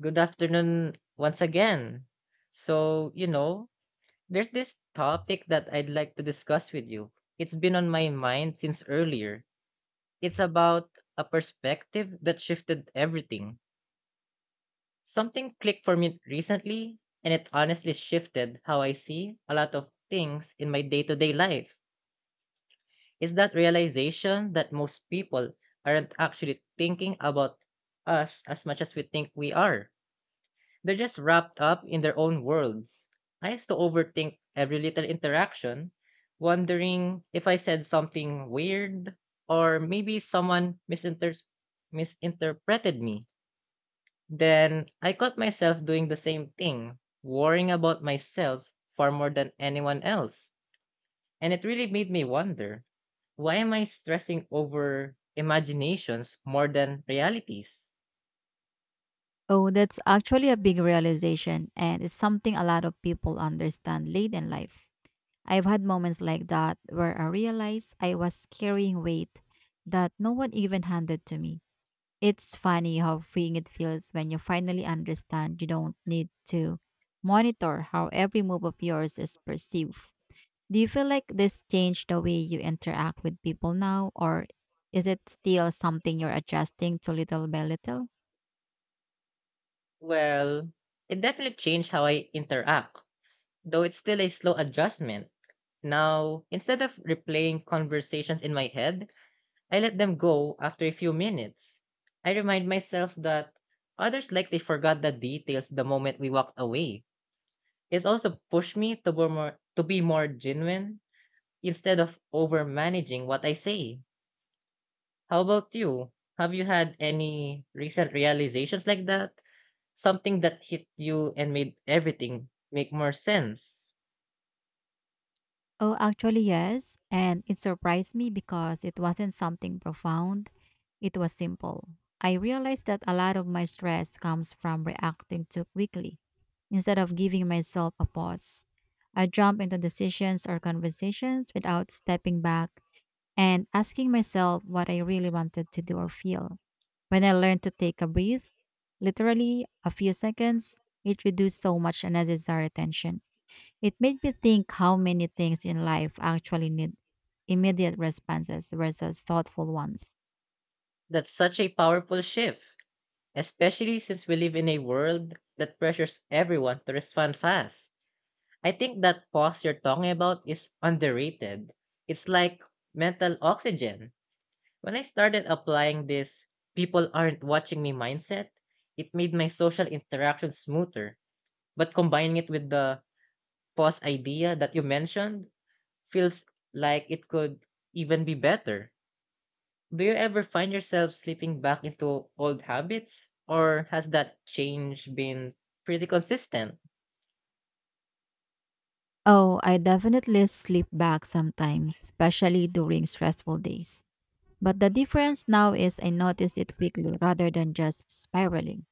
Good afternoon once again. So, you know, there's this topic that I'd like to discuss with you. It's been on my mind since earlier. It's about a perspective that shifted everything. Something clicked for me recently, and it honestly shifted how I see a lot of things in my day to day life. Is that realization that most people aren't actually thinking about us as much as we think we are. They're just wrapped up in their own worlds. I used to overthink every little interaction, wondering if I said something weird or maybe misinterpreted me. Then I caught myself doing the same thing, worrying about myself far more than anyone else. And it really made me wonder, why am I stressing over imaginations more than realities? Oh, that's actually a big realization, and it's something a lot of people understand late in life. I've had moments like that where I realized I was carrying weight that no one even handed to me. It's funny how freeing it feels when you finally understand you don't need to monitor how every move of yours is perceived. Do you feel like this changed the way you interact with people now, or is it still something you're adjusting to little by little? Well, it definitely changed how I interact, though it's still a slow adjustment. Now, instead of replaying conversations in my head, I let them go after a few minutes. I remind myself that others likely forgot the details the moment we walked away. It's also pushed me to be more genuine instead of over managing what I say. How about you? Have you had any recent realizations like that? Something that hit you and made everything make more sense? Oh, actually, yes. And it surprised me because it wasn't something profound, it was simple. I realized that a lot of my stress comes from reacting too quickly. Instead of giving myself a pause, I jump into decisions or conversations without stepping back and asking myself what I really wanted to do or feel. When I learn to take a breath, literally a few seconds, it reduced so much unnecessary tension. It made me think how many things in life actually need immediate responses versus thoughtful ones. That's such a powerful shift, especially since we live in a world that pressures everyone to respond fast. I think that pause you're talking about is underrated. It's like mental oxygen. When I started applying this "people aren't watching me" mindset, it made my social interaction smoother. But combining it with the pause idea that you mentioned feels like it could even be better. Do you ever find yourself slipping back into old habits? Or has that change been pretty consistent? Oh, I definitely slip back sometimes, especially during stressful days. But the difference now is I notice it quickly rather than just spiraling.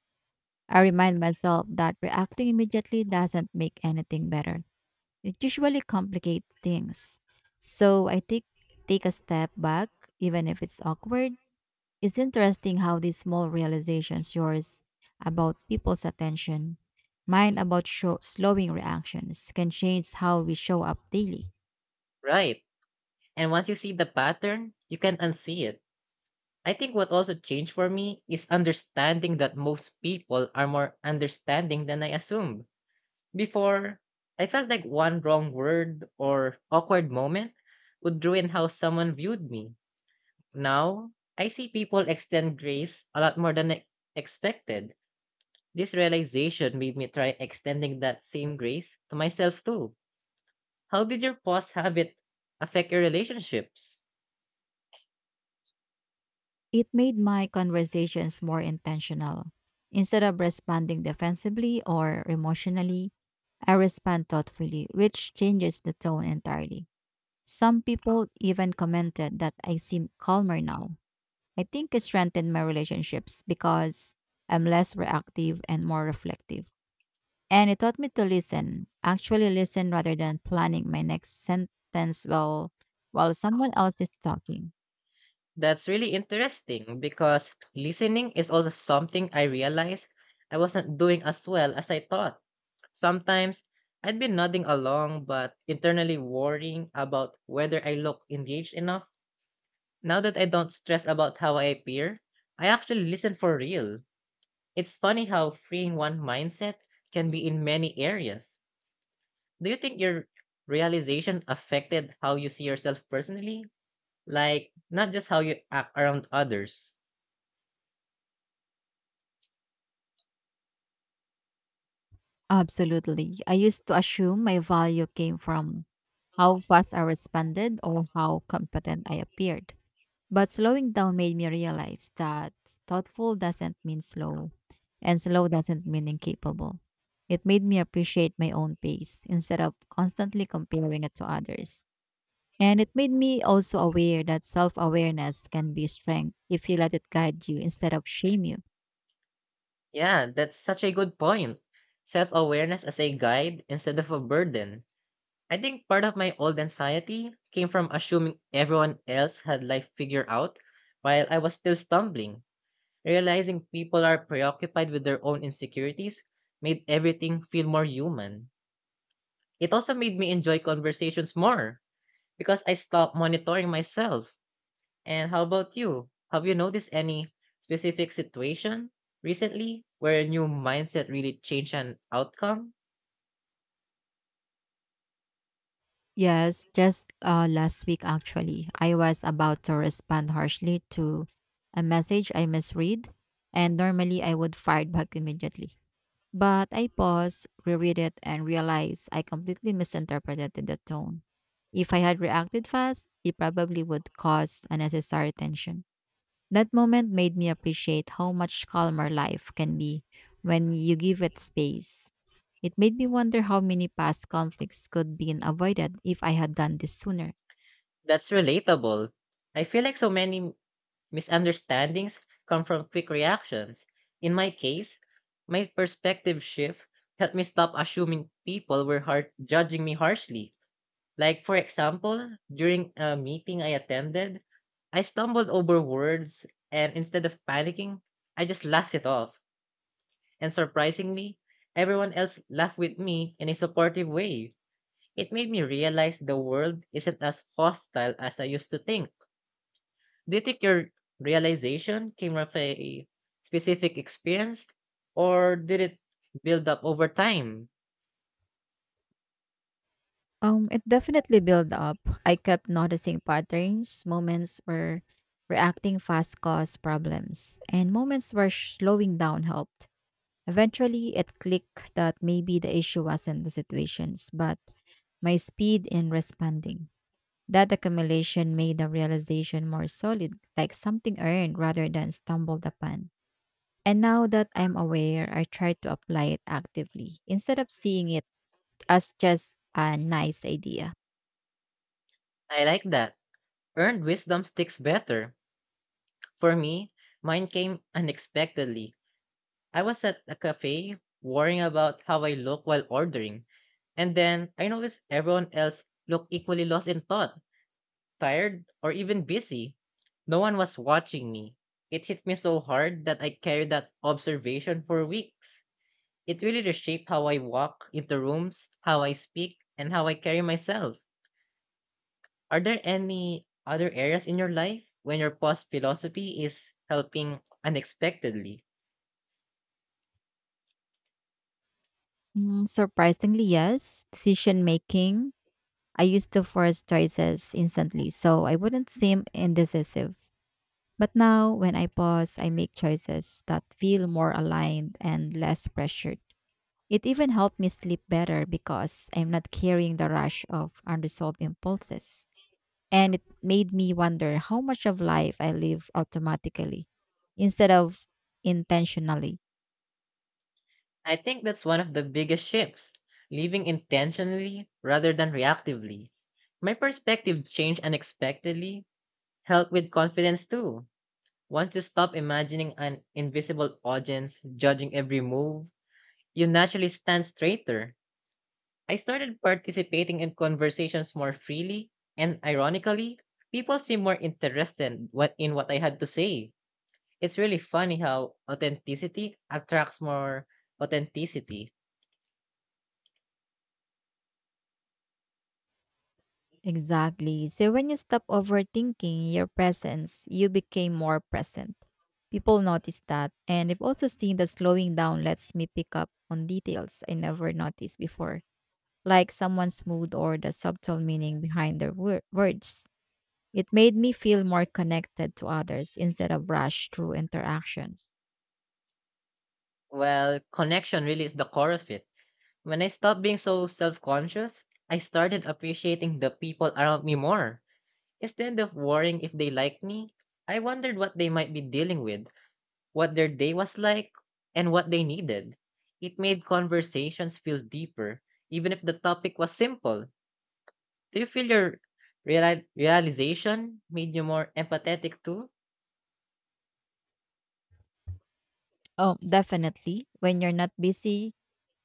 I remind myself that reacting immediately doesn't make anything better. It usually complicates things. So I take a step back, even if it's awkward. It's interesting how these small realizations yours about people's attention, mine about slowing reactions can change how we show up daily. Right. And once you see the pattern, you can unsee it. I think what also changed for me is understanding that most people are more understanding than I assumed. Before, I felt like one wrong word or awkward moment would ruin how someone viewed me. Now, I see people extend grace a lot more than I expected. This realization made me try extending that same grace to myself too. How did your past habit affect your relationships? It made my conversations more intentional. Instead of responding defensively or emotionally, I respond thoughtfully, which changes the tone entirely. Some people even commented that I seem calmer now. I think it strengthened my relationships because I'm less reactive and more reflective. And it taught me to listen, actually listen rather than planning my next sentence while someone else is talking. That's really interesting because listening is also something I realized I wasn't doing as well as I thought. Sometimes I'd be nodding along but internally worrying about whether I look engaged enough. Now that I don't stress about how I appear, I actually listen for real. It's funny how freeing one mindset can be in many areas. Do you think your realization affected how you see yourself personally? Like, not just how you act around others. Absolutely. I used to assume my value came from how fast I responded or how competent I appeared. But slowing down made me realize that thoughtful doesn't mean slow, and slow doesn't mean incapable. It made me appreciate my own pace instead of constantly comparing it to others. And it made me also aware that self awareness can be strength if you let it guide you instead of shame you. Yeah, that's such a good point. Self awareness as a guide instead of a burden. I think part of my old anxiety came from assuming everyone else had life figured out while I was still stumbling. Realizing people are preoccupied with their own insecurities made everything feel more human. It also made me enjoy conversations more because I stopped monitoring myself. And how about you? Have you noticed any specific situation recently where a new mindset really changed an outcome? Yes, just last week actually, I was about to respond harshly to a message I misread, and normally I would fire back immediately. But I paused, reread it, and realized I completely misinterpreted the tone. If I had reacted fast, it probably would cause unnecessary tension. That moment made me appreciate how much calmer life can be when you give it space. It made me wonder how many past conflicts could be avoided if I had done this sooner. That's relatable. I feel like so many misunderstandings come from quick reactions. In my case, my perspective shift helped me stop assuming people were judging me harshly. Like, for example, during a meeting I attended, I stumbled over words, and instead of panicking, I just laughed it off. And surprisingly, everyone else laughed with me in a supportive way. It made me realize the world isn't as hostile as I used to think. Do you think your realization came from a specific experience, or did it build up over time? It definitely built up. I kept noticing patterns, moments where reacting fast caused problems, and moments where slowing down helped. Eventually, it clicked that maybe the issue wasn't the situations, but my speed in responding. That accumulation made the realization more solid, like something earned rather than stumbled upon. And now that I'm aware, I try to apply it actively instead of seeing it as just a nice idea. I like that. Earned wisdom sticks better. For me, mine came unexpectedly. I was at a cafe worrying about how I look while ordering, and then I noticed everyone else looked equally lost in thought, tired, or even busy. No one was watching me. It hit me so hard that I carried that observation for weeks. It really reshaped how I walk into rooms, how I speak, and how I carry myself. Are there any other areas in your life when your past philosophy is helping unexpectedly? Mm, surprisingly, yes, decision making. I used to force choices instantly, so I wouldn't seem indecisive. But now, when I pause, I make choices that feel more aligned and less pressured. It even helped me sleep better because I'm not carrying the rush of unresolved impulses. And it made me wonder how much of life I live automatically instead of intentionally. I think that's one of the biggest shifts, living intentionally rather than reactively. My perspective changed unexpectedly, helped with confidence too. Once you stop imagining an invisible audience judging every move, you naturally stand straighter. I started participating in conversations more freely, and ironically, people seem more interested what in what I had to say. It's really funny how authenticity attracts more authenticity. Exactly. So when you stop overthinking your presence, you became more present. People notice that. And I've also seen that slowing down lets me pick up on details I never noticed before, like someone's mood or the subtle meaning behind their words. It made me feel more connected to others instead of rushed through interactions. Well, connection really is the core of it. When I stopped being so self-conscious, I started appreciating the people around me more. Instead of worrying if they liked me, I wondered what they might be dealing with, what their day was like, and what they needed. It made conversations feel deeper, even if the topic was simple. Do you feel your realization made you more empathetic too? Oh, definitely. When you're not busy,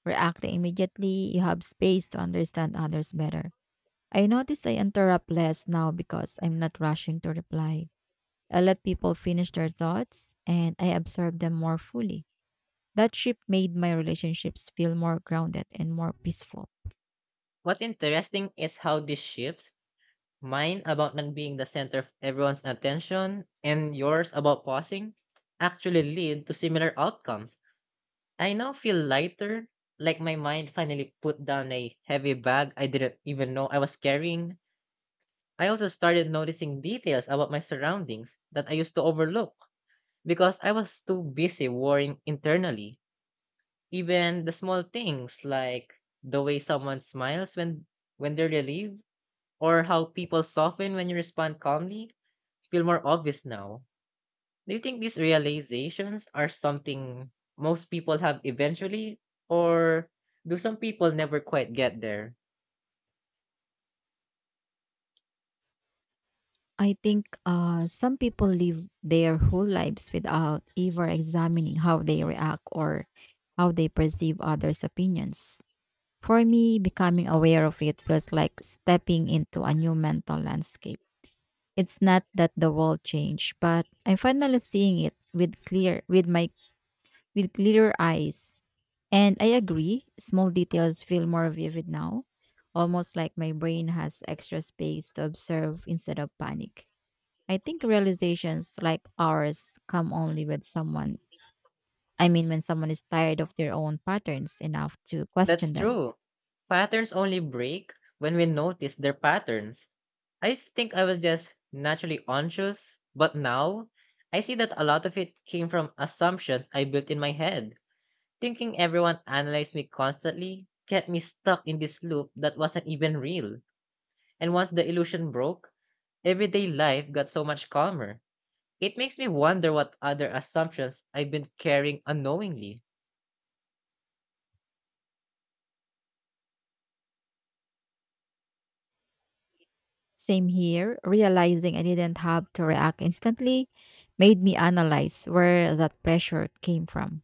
reacting immediately, you have space to understand others better. I notice I interrupt less now because I'm not rushing to reply. I let people finish their thoughts and I absorb them more fully. That shift made my relationships feel more grounded and more peaceful. What's interesting is how this shifts, mine about not being the center of everyone's attention and yours about pausing, actually lead to similar outcomes. I now feel lighter, like my mind finally put down a heavy bag I didn't even know I was carrying. I also started noticing details about my surroundings that I used to overlook because I was too busy worrying internally. Even the small things, like the way someone smiles when they're relieved or how people soften when you respond calmly, feel more obvious now. Do you think these realizations are something most people have eventually, or do some people never quite get there? I think some people live their whole lives without ever examining how they react or how they perceive others' opinions. For me, becoming aware of it feels like stepping into a new mental landscape. It's not that the world changed, but I'm finally seeing it with clear with my with clearer eyes. And I agree, small details feel more vivid now, almost like my brain has extra space to observe instead of panic. I think realizations like ours come only with when someone is tired of their own patterns enough to That's question them. true. Patterns only break when we notice their patterns. I used to think I was just naturally anxious, but now I see that a lot of it came from assumptions I built in my head. Thinking everyone analyzed me constantly kept me stuck in this loop that wasn't even real. And once the illusion broke, everyday life got so much calmer. It makes me wonder what other assumptions I've been carrying unknowingly. Same here, realizing I didn't have to react instantly made me analyze where that pressure came from.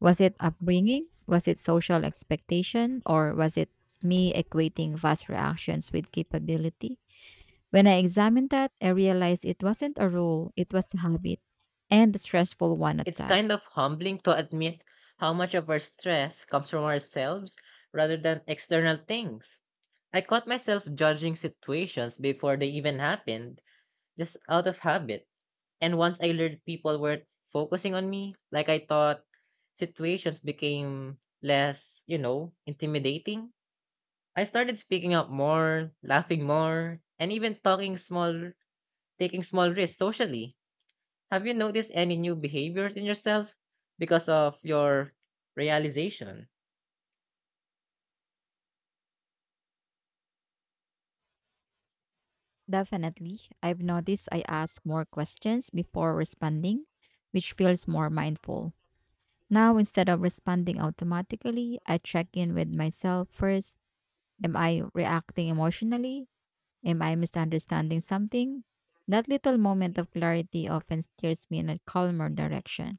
Was it upbringing? Was it social expectation? Or was it me equating fast reactions with capability? When I examined that, I realized it wasn't a rule, it was a habit, and a stressful one at It's that. kind of humbling to admit how much of our stress comes from ourselves rather than external things. I caught myself judging situations before they even happened, just out of habit. And once I learned people weren't focusing on me like I thought, situations became less, intimidating. I started speaking up more, laughing more, and even talking small taking small risks socially. Have you noticed any new behaviors in yourself because of your realization? Definitely. I've noticed I ask more questions before responding, which feels more mindful. Now, instead of responding automatically, I check in with myself first. Am I reacting emotionally? Am I misunderstanding something? That little moment of clarity often steers me in a calmer direction,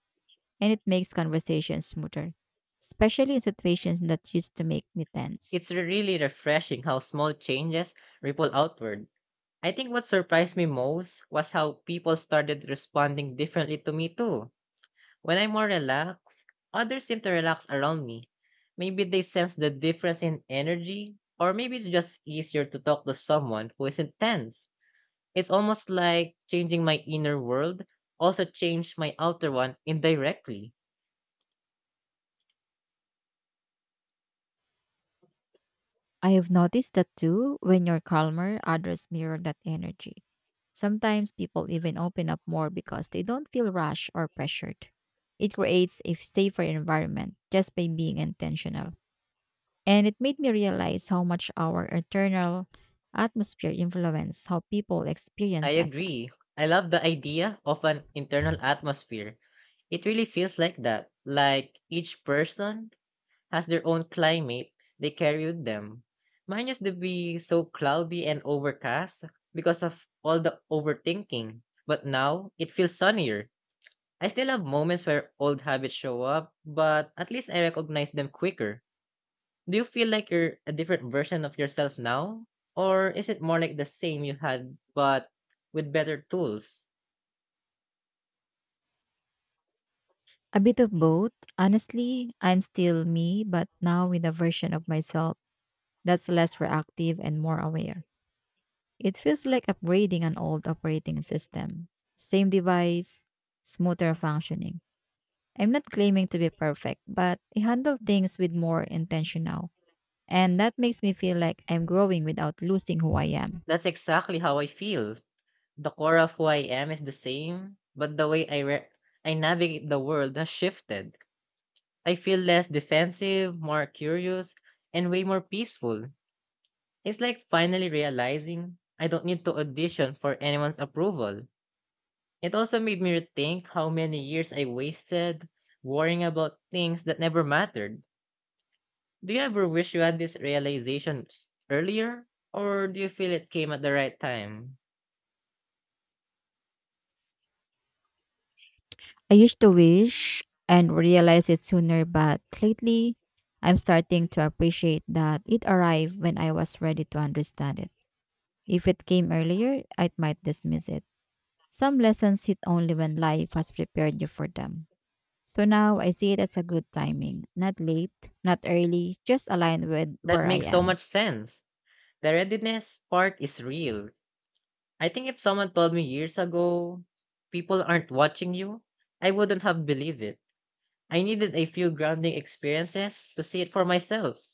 and it makes conversations smoother, especially in situations that used to make me It's tense. really refreshing how small changes ripple outward. I think what surprised me most was how people started responding differently to me too. When I'm more relaxed, others seem to relax around me. Maybe they sense the difference in energy, or maybe it's just easier to talk to someone who isn't tense. It's almost like changing my inner world also changed my outer one indirectly. I have noticed that too. When you're calmer, others mirror that energy. Sometimes people even open up more because they don't feel rushed or pressured. It creates a safer environment just by being intentional. And it made me realize how much our internal atmosphere influences how people I experience us. agree. I love the idea of an internal atmosphere. It really feels like that. Like each person has their own climate they carry with them. Mine used to be so cloudy and overcast because of all the overthinking. But now it feels sunnier. I still have moments where old habits show up, but at least I recognize them quicker. Do you feel like you're a different version of yourself now? Or is it more like the same you had, but with better tools? A bit of both. Honestly, I'm still me, but now with a version of myself that's less reactive and more aware. It feels like upgrading an old operating system. Same device, smoother functioning. I'm not claiming to be perfect, but I handle things with more intentional, and that makes me feel like I'm growing without losing who I am. That's exactly how I feel. The core of who I am is the same, but the way I navigate the world has shifted. I feel less defensive, more curious, and way more peaceful. It's like finally realizing I don't need to audition for anyone's approval. It also made me rethink how many years I wasted worrying about things that never mattered. Do you ever wish you had this earlier? Or do you feel it came at the right time? I used to wish and realize it sooner, but lately I'm starting to appreciate that it arrived when I was ready to understand it. If it came earlier, I might dismiss it. Some lessons hit only when life has prepared you for them. So now I see it as a good timing, not late, not early, just aligned with That where I makes so much am. sense. The readiness part is real. I think if someone told me years ago, "people aren't watching you," I wouldn't have believed it. I needed a few grounding experiences to see it for myself.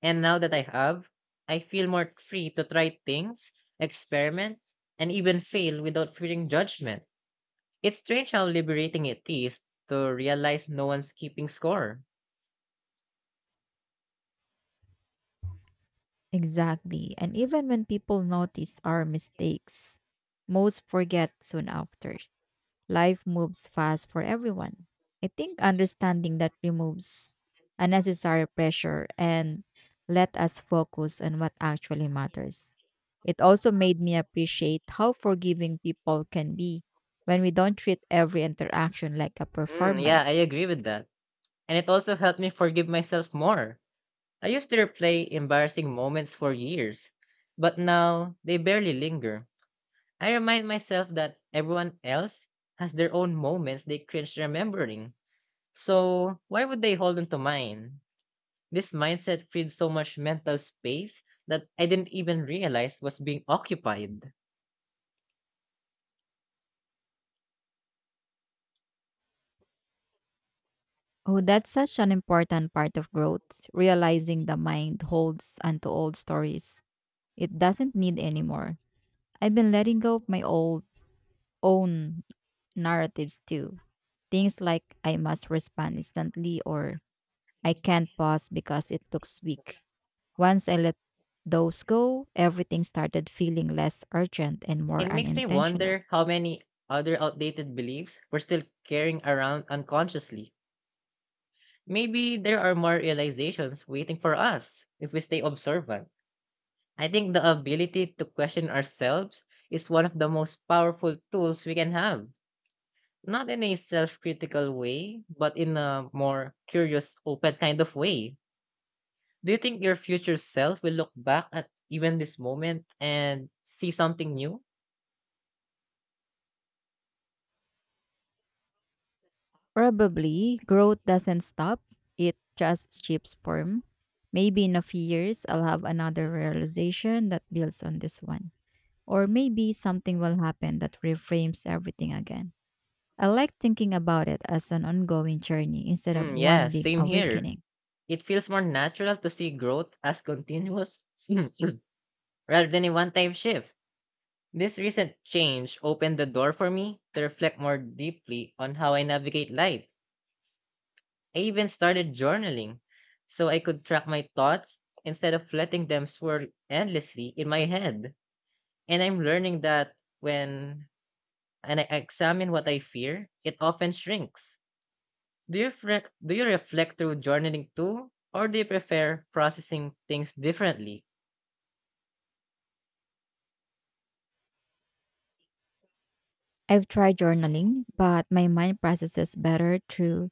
And now that I have, I feel more free to try things, experiment, and even fail without fearing judgment. It's strange how liberating it is to realize no one's keeping score. Exactly. And even when people notice our mistakes, most forget soon after. Life moves fast for everyone. I think understanding that removes unnecessary pressure and let us focus on what actually matters. It also made me appreciate how forgiving people can be when we don't treat every interaction like a Mm, yeah, I performance. agree with that. And it also helped me forgive myself more. I used to replay embarrassing moments for years, but now they barely linger. I remind myself that everyone else has their own moments they cringe remembering. So, why would they hold on to mine? This mindset freed so much mental space that I didn't even realize was being occupied. Oh, that's such an important part of growth, realizing the mind holds onto old stories. It doesn't need anymore. I've been letting go of my old own narratives too. Things like I must respond instantly or I can't pause because it looks weak. Once I let those go, everything started feeling less urgent and It more makes me unintentional. wonder how many other outdated beliefs we're still carrying around unconsciously. Maybe there are more realizations waiting for us if we stay observant. I think the ability to question ourselves is one of the most powerful tools we can have. Not in a self critical way, but in a more curious, open kind of way. Do you think your future self will look back at even this moment and see something new? Probably growth doesn't stop, it just shifts form. Maybe in a few years, I'll have another realization that builds on this one. Or maybe something will happen that reframes everything again. I like thinking about it as an ongoing journey instead of Mm, yeah, one big same here. awakening. It feels more natural to see growth as continuous rather than a one time shift. This recent change opened the door for me to reflect more deeply on how I navigate life. I even started journaling so I could track my thoughts instead of letting them swirl endlessly in my head. And I'm learning that when and I examine what I fear, it often shrinks. Do you reflect through journaling too? Or do you prefer processing things differently? I've tried journaling, but my mind processes better through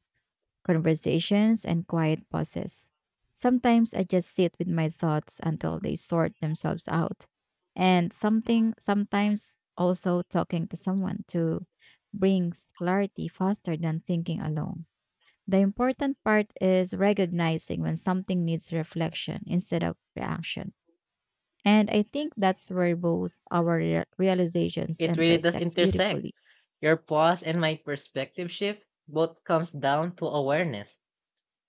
conversations, and quiet pauses. Sometimes I just sit with my thoughts until they sort themselves out. And something sometimes also talking to someone to brings clarity faster than thinking alone. The important part is recognizing when something needs reflection instead of reaction. And I think that's where both our realizations It really does intersect intersect. beautifully. Your pause and my perspective shift both comes down to awareness.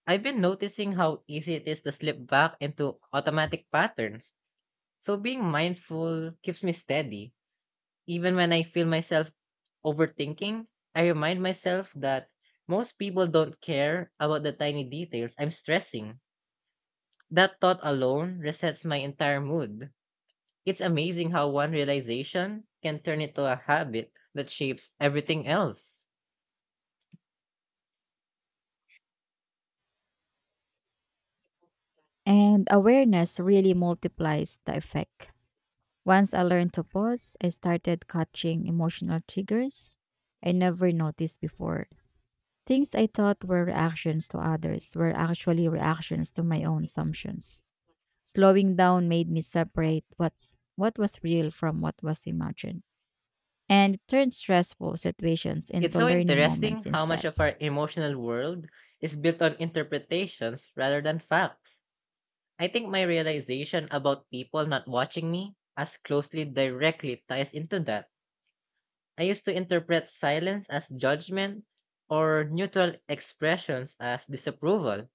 I've been noticing how easy it is to slip back into automatic patterns. So being mindful keeps me steady. Even when I feel myself overthinking, I remind myself that most people don't care about the tiny details I'm stressing. That thought alone resets my entire mood. It's amazing how one realization can turn into a habit that shapes everything else. And awareness really multiplies the effect. Once I learned to pause, I started catching emotional triggers I never noticed before. Things I thought were reactions to others were actually reactions to my own assumptions. Slowing down made me separate what was real from what was imagined and it turned stressful situations It's into so learning moments interesting how much instead. of our emotional world is built on interpretations rather than facts. I think my realization about people not watching me as closely directly ties into that. I used to interpret silence as judgment or neutral expressions as disapproval.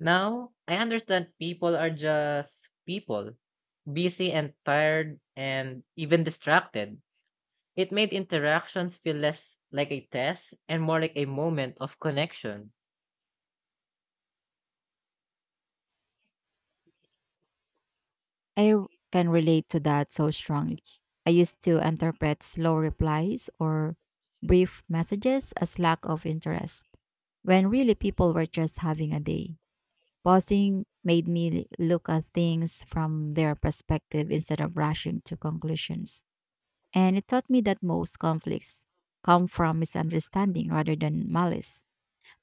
Now, I understand people are just people, busy and tired and even distracted. It made interactions feel less like a test and more like a moment of connection. I r- can relate to that so strongly. I used to interpret slow replies or brief messages as lack of interest, when really people were just having a day. Pausing made me look at things from their perspective instead of rushing to conclusions. And it taught me that most conflicts come from misunderstanding rather than malice.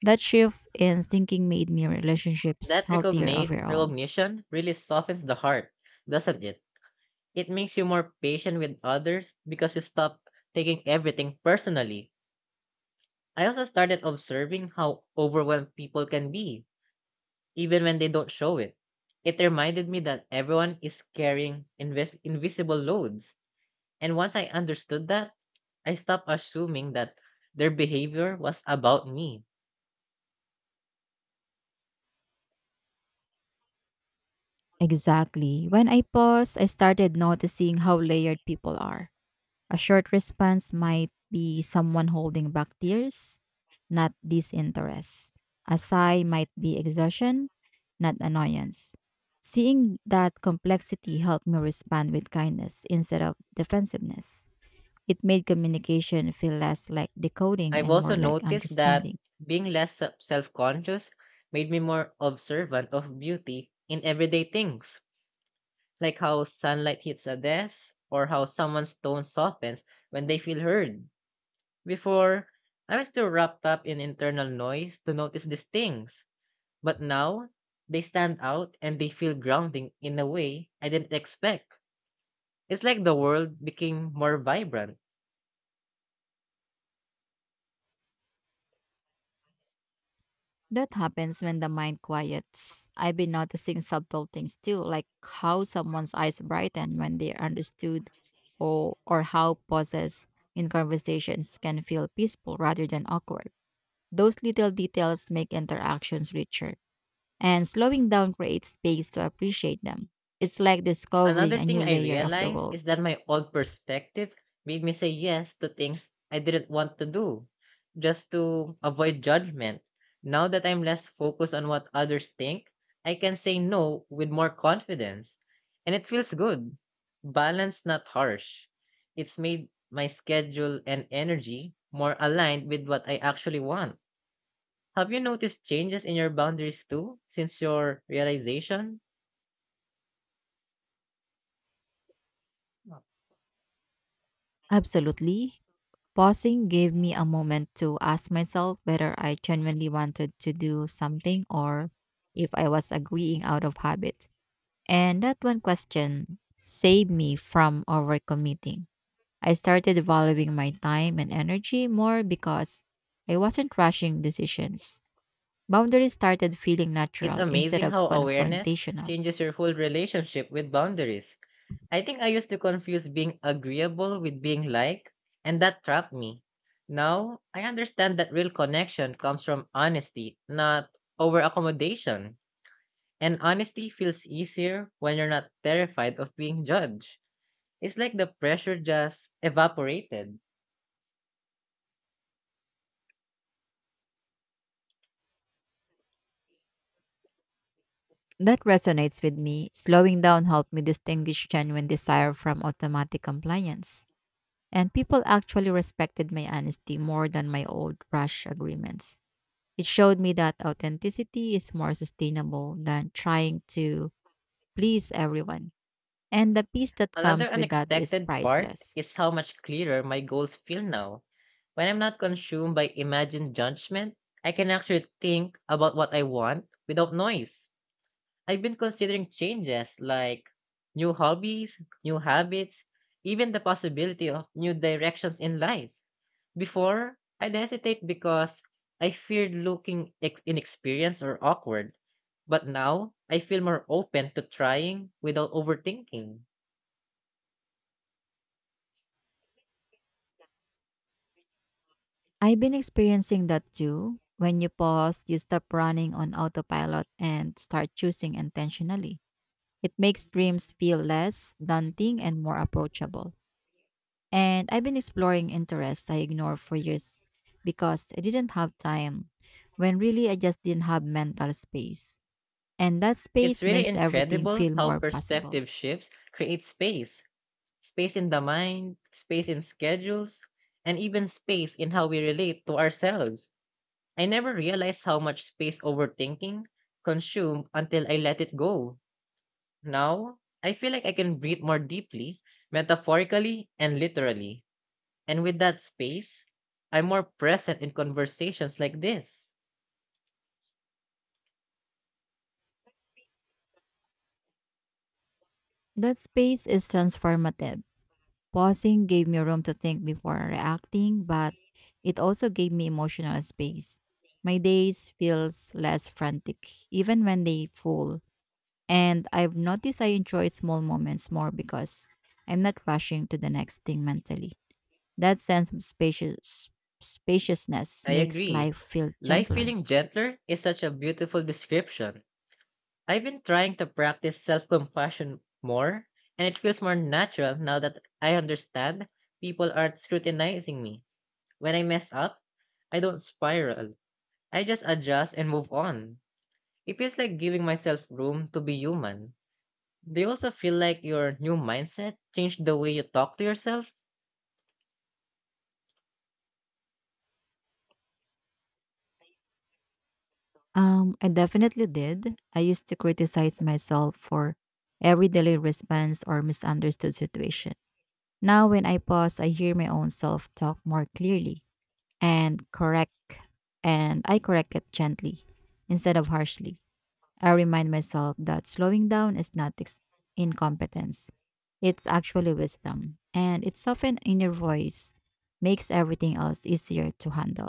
That shift in thinking made me relationships That healthier overall. recognition really softens the heart, doesn't it? It makes you more patient with others because you stop taking everything personally. I also started observing how overwhelmed people can be, even when they don't show it. It reminded me that everyone is carrying invisible loads. And once I understood that, I stopped assuming that their behavior was about me. Exactly. When I paused, I started noticing how layered people are. A short response might be someone holding back tears, not disinterest. A sigh might be exhaustion, not annoyance. Seeing that complexity helped me respond with kindness instead of defensiveness. It made communication feel less like decoding I've and also more like noticed that understanding. being less self-conscious made me more observant of beauty in everyday things, like how sunlight hits a desk or how someone's tone softens when they feel heard. Before, I was too wrapped up in internal noise to notice these things, but now they stand out and they feel grounding in a way I didn't expect. It's like the world became more vibrant. That happens when the mind quiets. I've been noticing subtle things too, like how someone's eyes brighten when they are understood, or how pauses in conversations can feel peaceful rather than awkward. Those little details make interactions richer, and slowing down creates space to appreciate them. It's like discovering Another a thing new I layer of the realized world. is that my old perspective made me say yes to things I didn't want to do, just to avoid judgment. Now that I'm less focused on what others think, I can say no with more confidence. And it feels good. Balanced, not harsh. It's made my schedule and energy more aligned with what I actually want. Have you noticed changes in your boundaries too since your realization? Absolutely. Pausing gave me a moment to ask myself whether I genuinely wanted to do something or if I was agreeing out of habit. And that one question saved me from overcommitting. I started valuing my time and energy more because I wasn't rushing decisions. Boundaries started feeling It's natural instead amazing of how awareness confrontational. changes your whole relationship with boundaries. I think I used to confuse being agreeable with being liked, and that trapped me. Now, I understand that real connection comes from honesty, not over accommodation. And honesty feels easier when you're not terrified of being judged. It's like the pressure just evaporated. That resonates with me. Slowing down helped me distinguish genuine desire from automatic compliance. And people actually respected my honesty more than my old rash agreements. It showed me that authenticity is more sustainable than trying to please everyone. And the peace that Another comes with that is unexpected part priceless. is how much clearer my goals feel now. When I'm not consumed by imagined judgment, I can actually think about what I want without noise. I've been considering changes like new hobbies, new habits, even the possibility of new directions in life. Before, I'd hesitate because I feared looking inexperienced or awkward. But now, I feel more open to trying without overthinking. I've been experiencing that too. When you pause, you stop running on autopilot and start choosing intentionally. It makes dreams feel less daunting and more approachable. And I've been exploring interests I ignored for years because I didn't have time, when really I just didn't have mental space. And that It's space really makes everything incredible feel how more possible. perspective shifts create space space in the mind, space in schedules, and even space in how we relate to ourselves. I never realized how much space overthinking consumed until I let it go. Now, I feel like I can breathe more deeply, metaphorically and literally. And with that space, I'm more present in conversations like this. That space is transformative. Pausing gave me room to think before reacting, but it also gave me emotional space. My days feels less frantic, even when they full. And I've noticed I enjoy small moments more because I'm not rushing to the next thing mentally. That sense of spaciousness I makes agree. life feel Life gentler. feeling gentler is such a beautiful description. I've been trying to practice self compassion more, and it feels more natural now that I understand people aren't scrutinizing me. When I mess up, I don't spiral. I just adjust and move on. It feels like giving myself room to be human. Do you also feel like your new mindset changed the way you talk to yourself? I definitely did. I used to criticize myself for every delayed response or misunderstood situation. Now, when I pause, I hear my own self talk more clearly and correct, and I correct it gently instead of harshly. I remind myself that slowing down is not incompetence. It's actually wisdom. And it's often in your voice makes everything else easier to handle.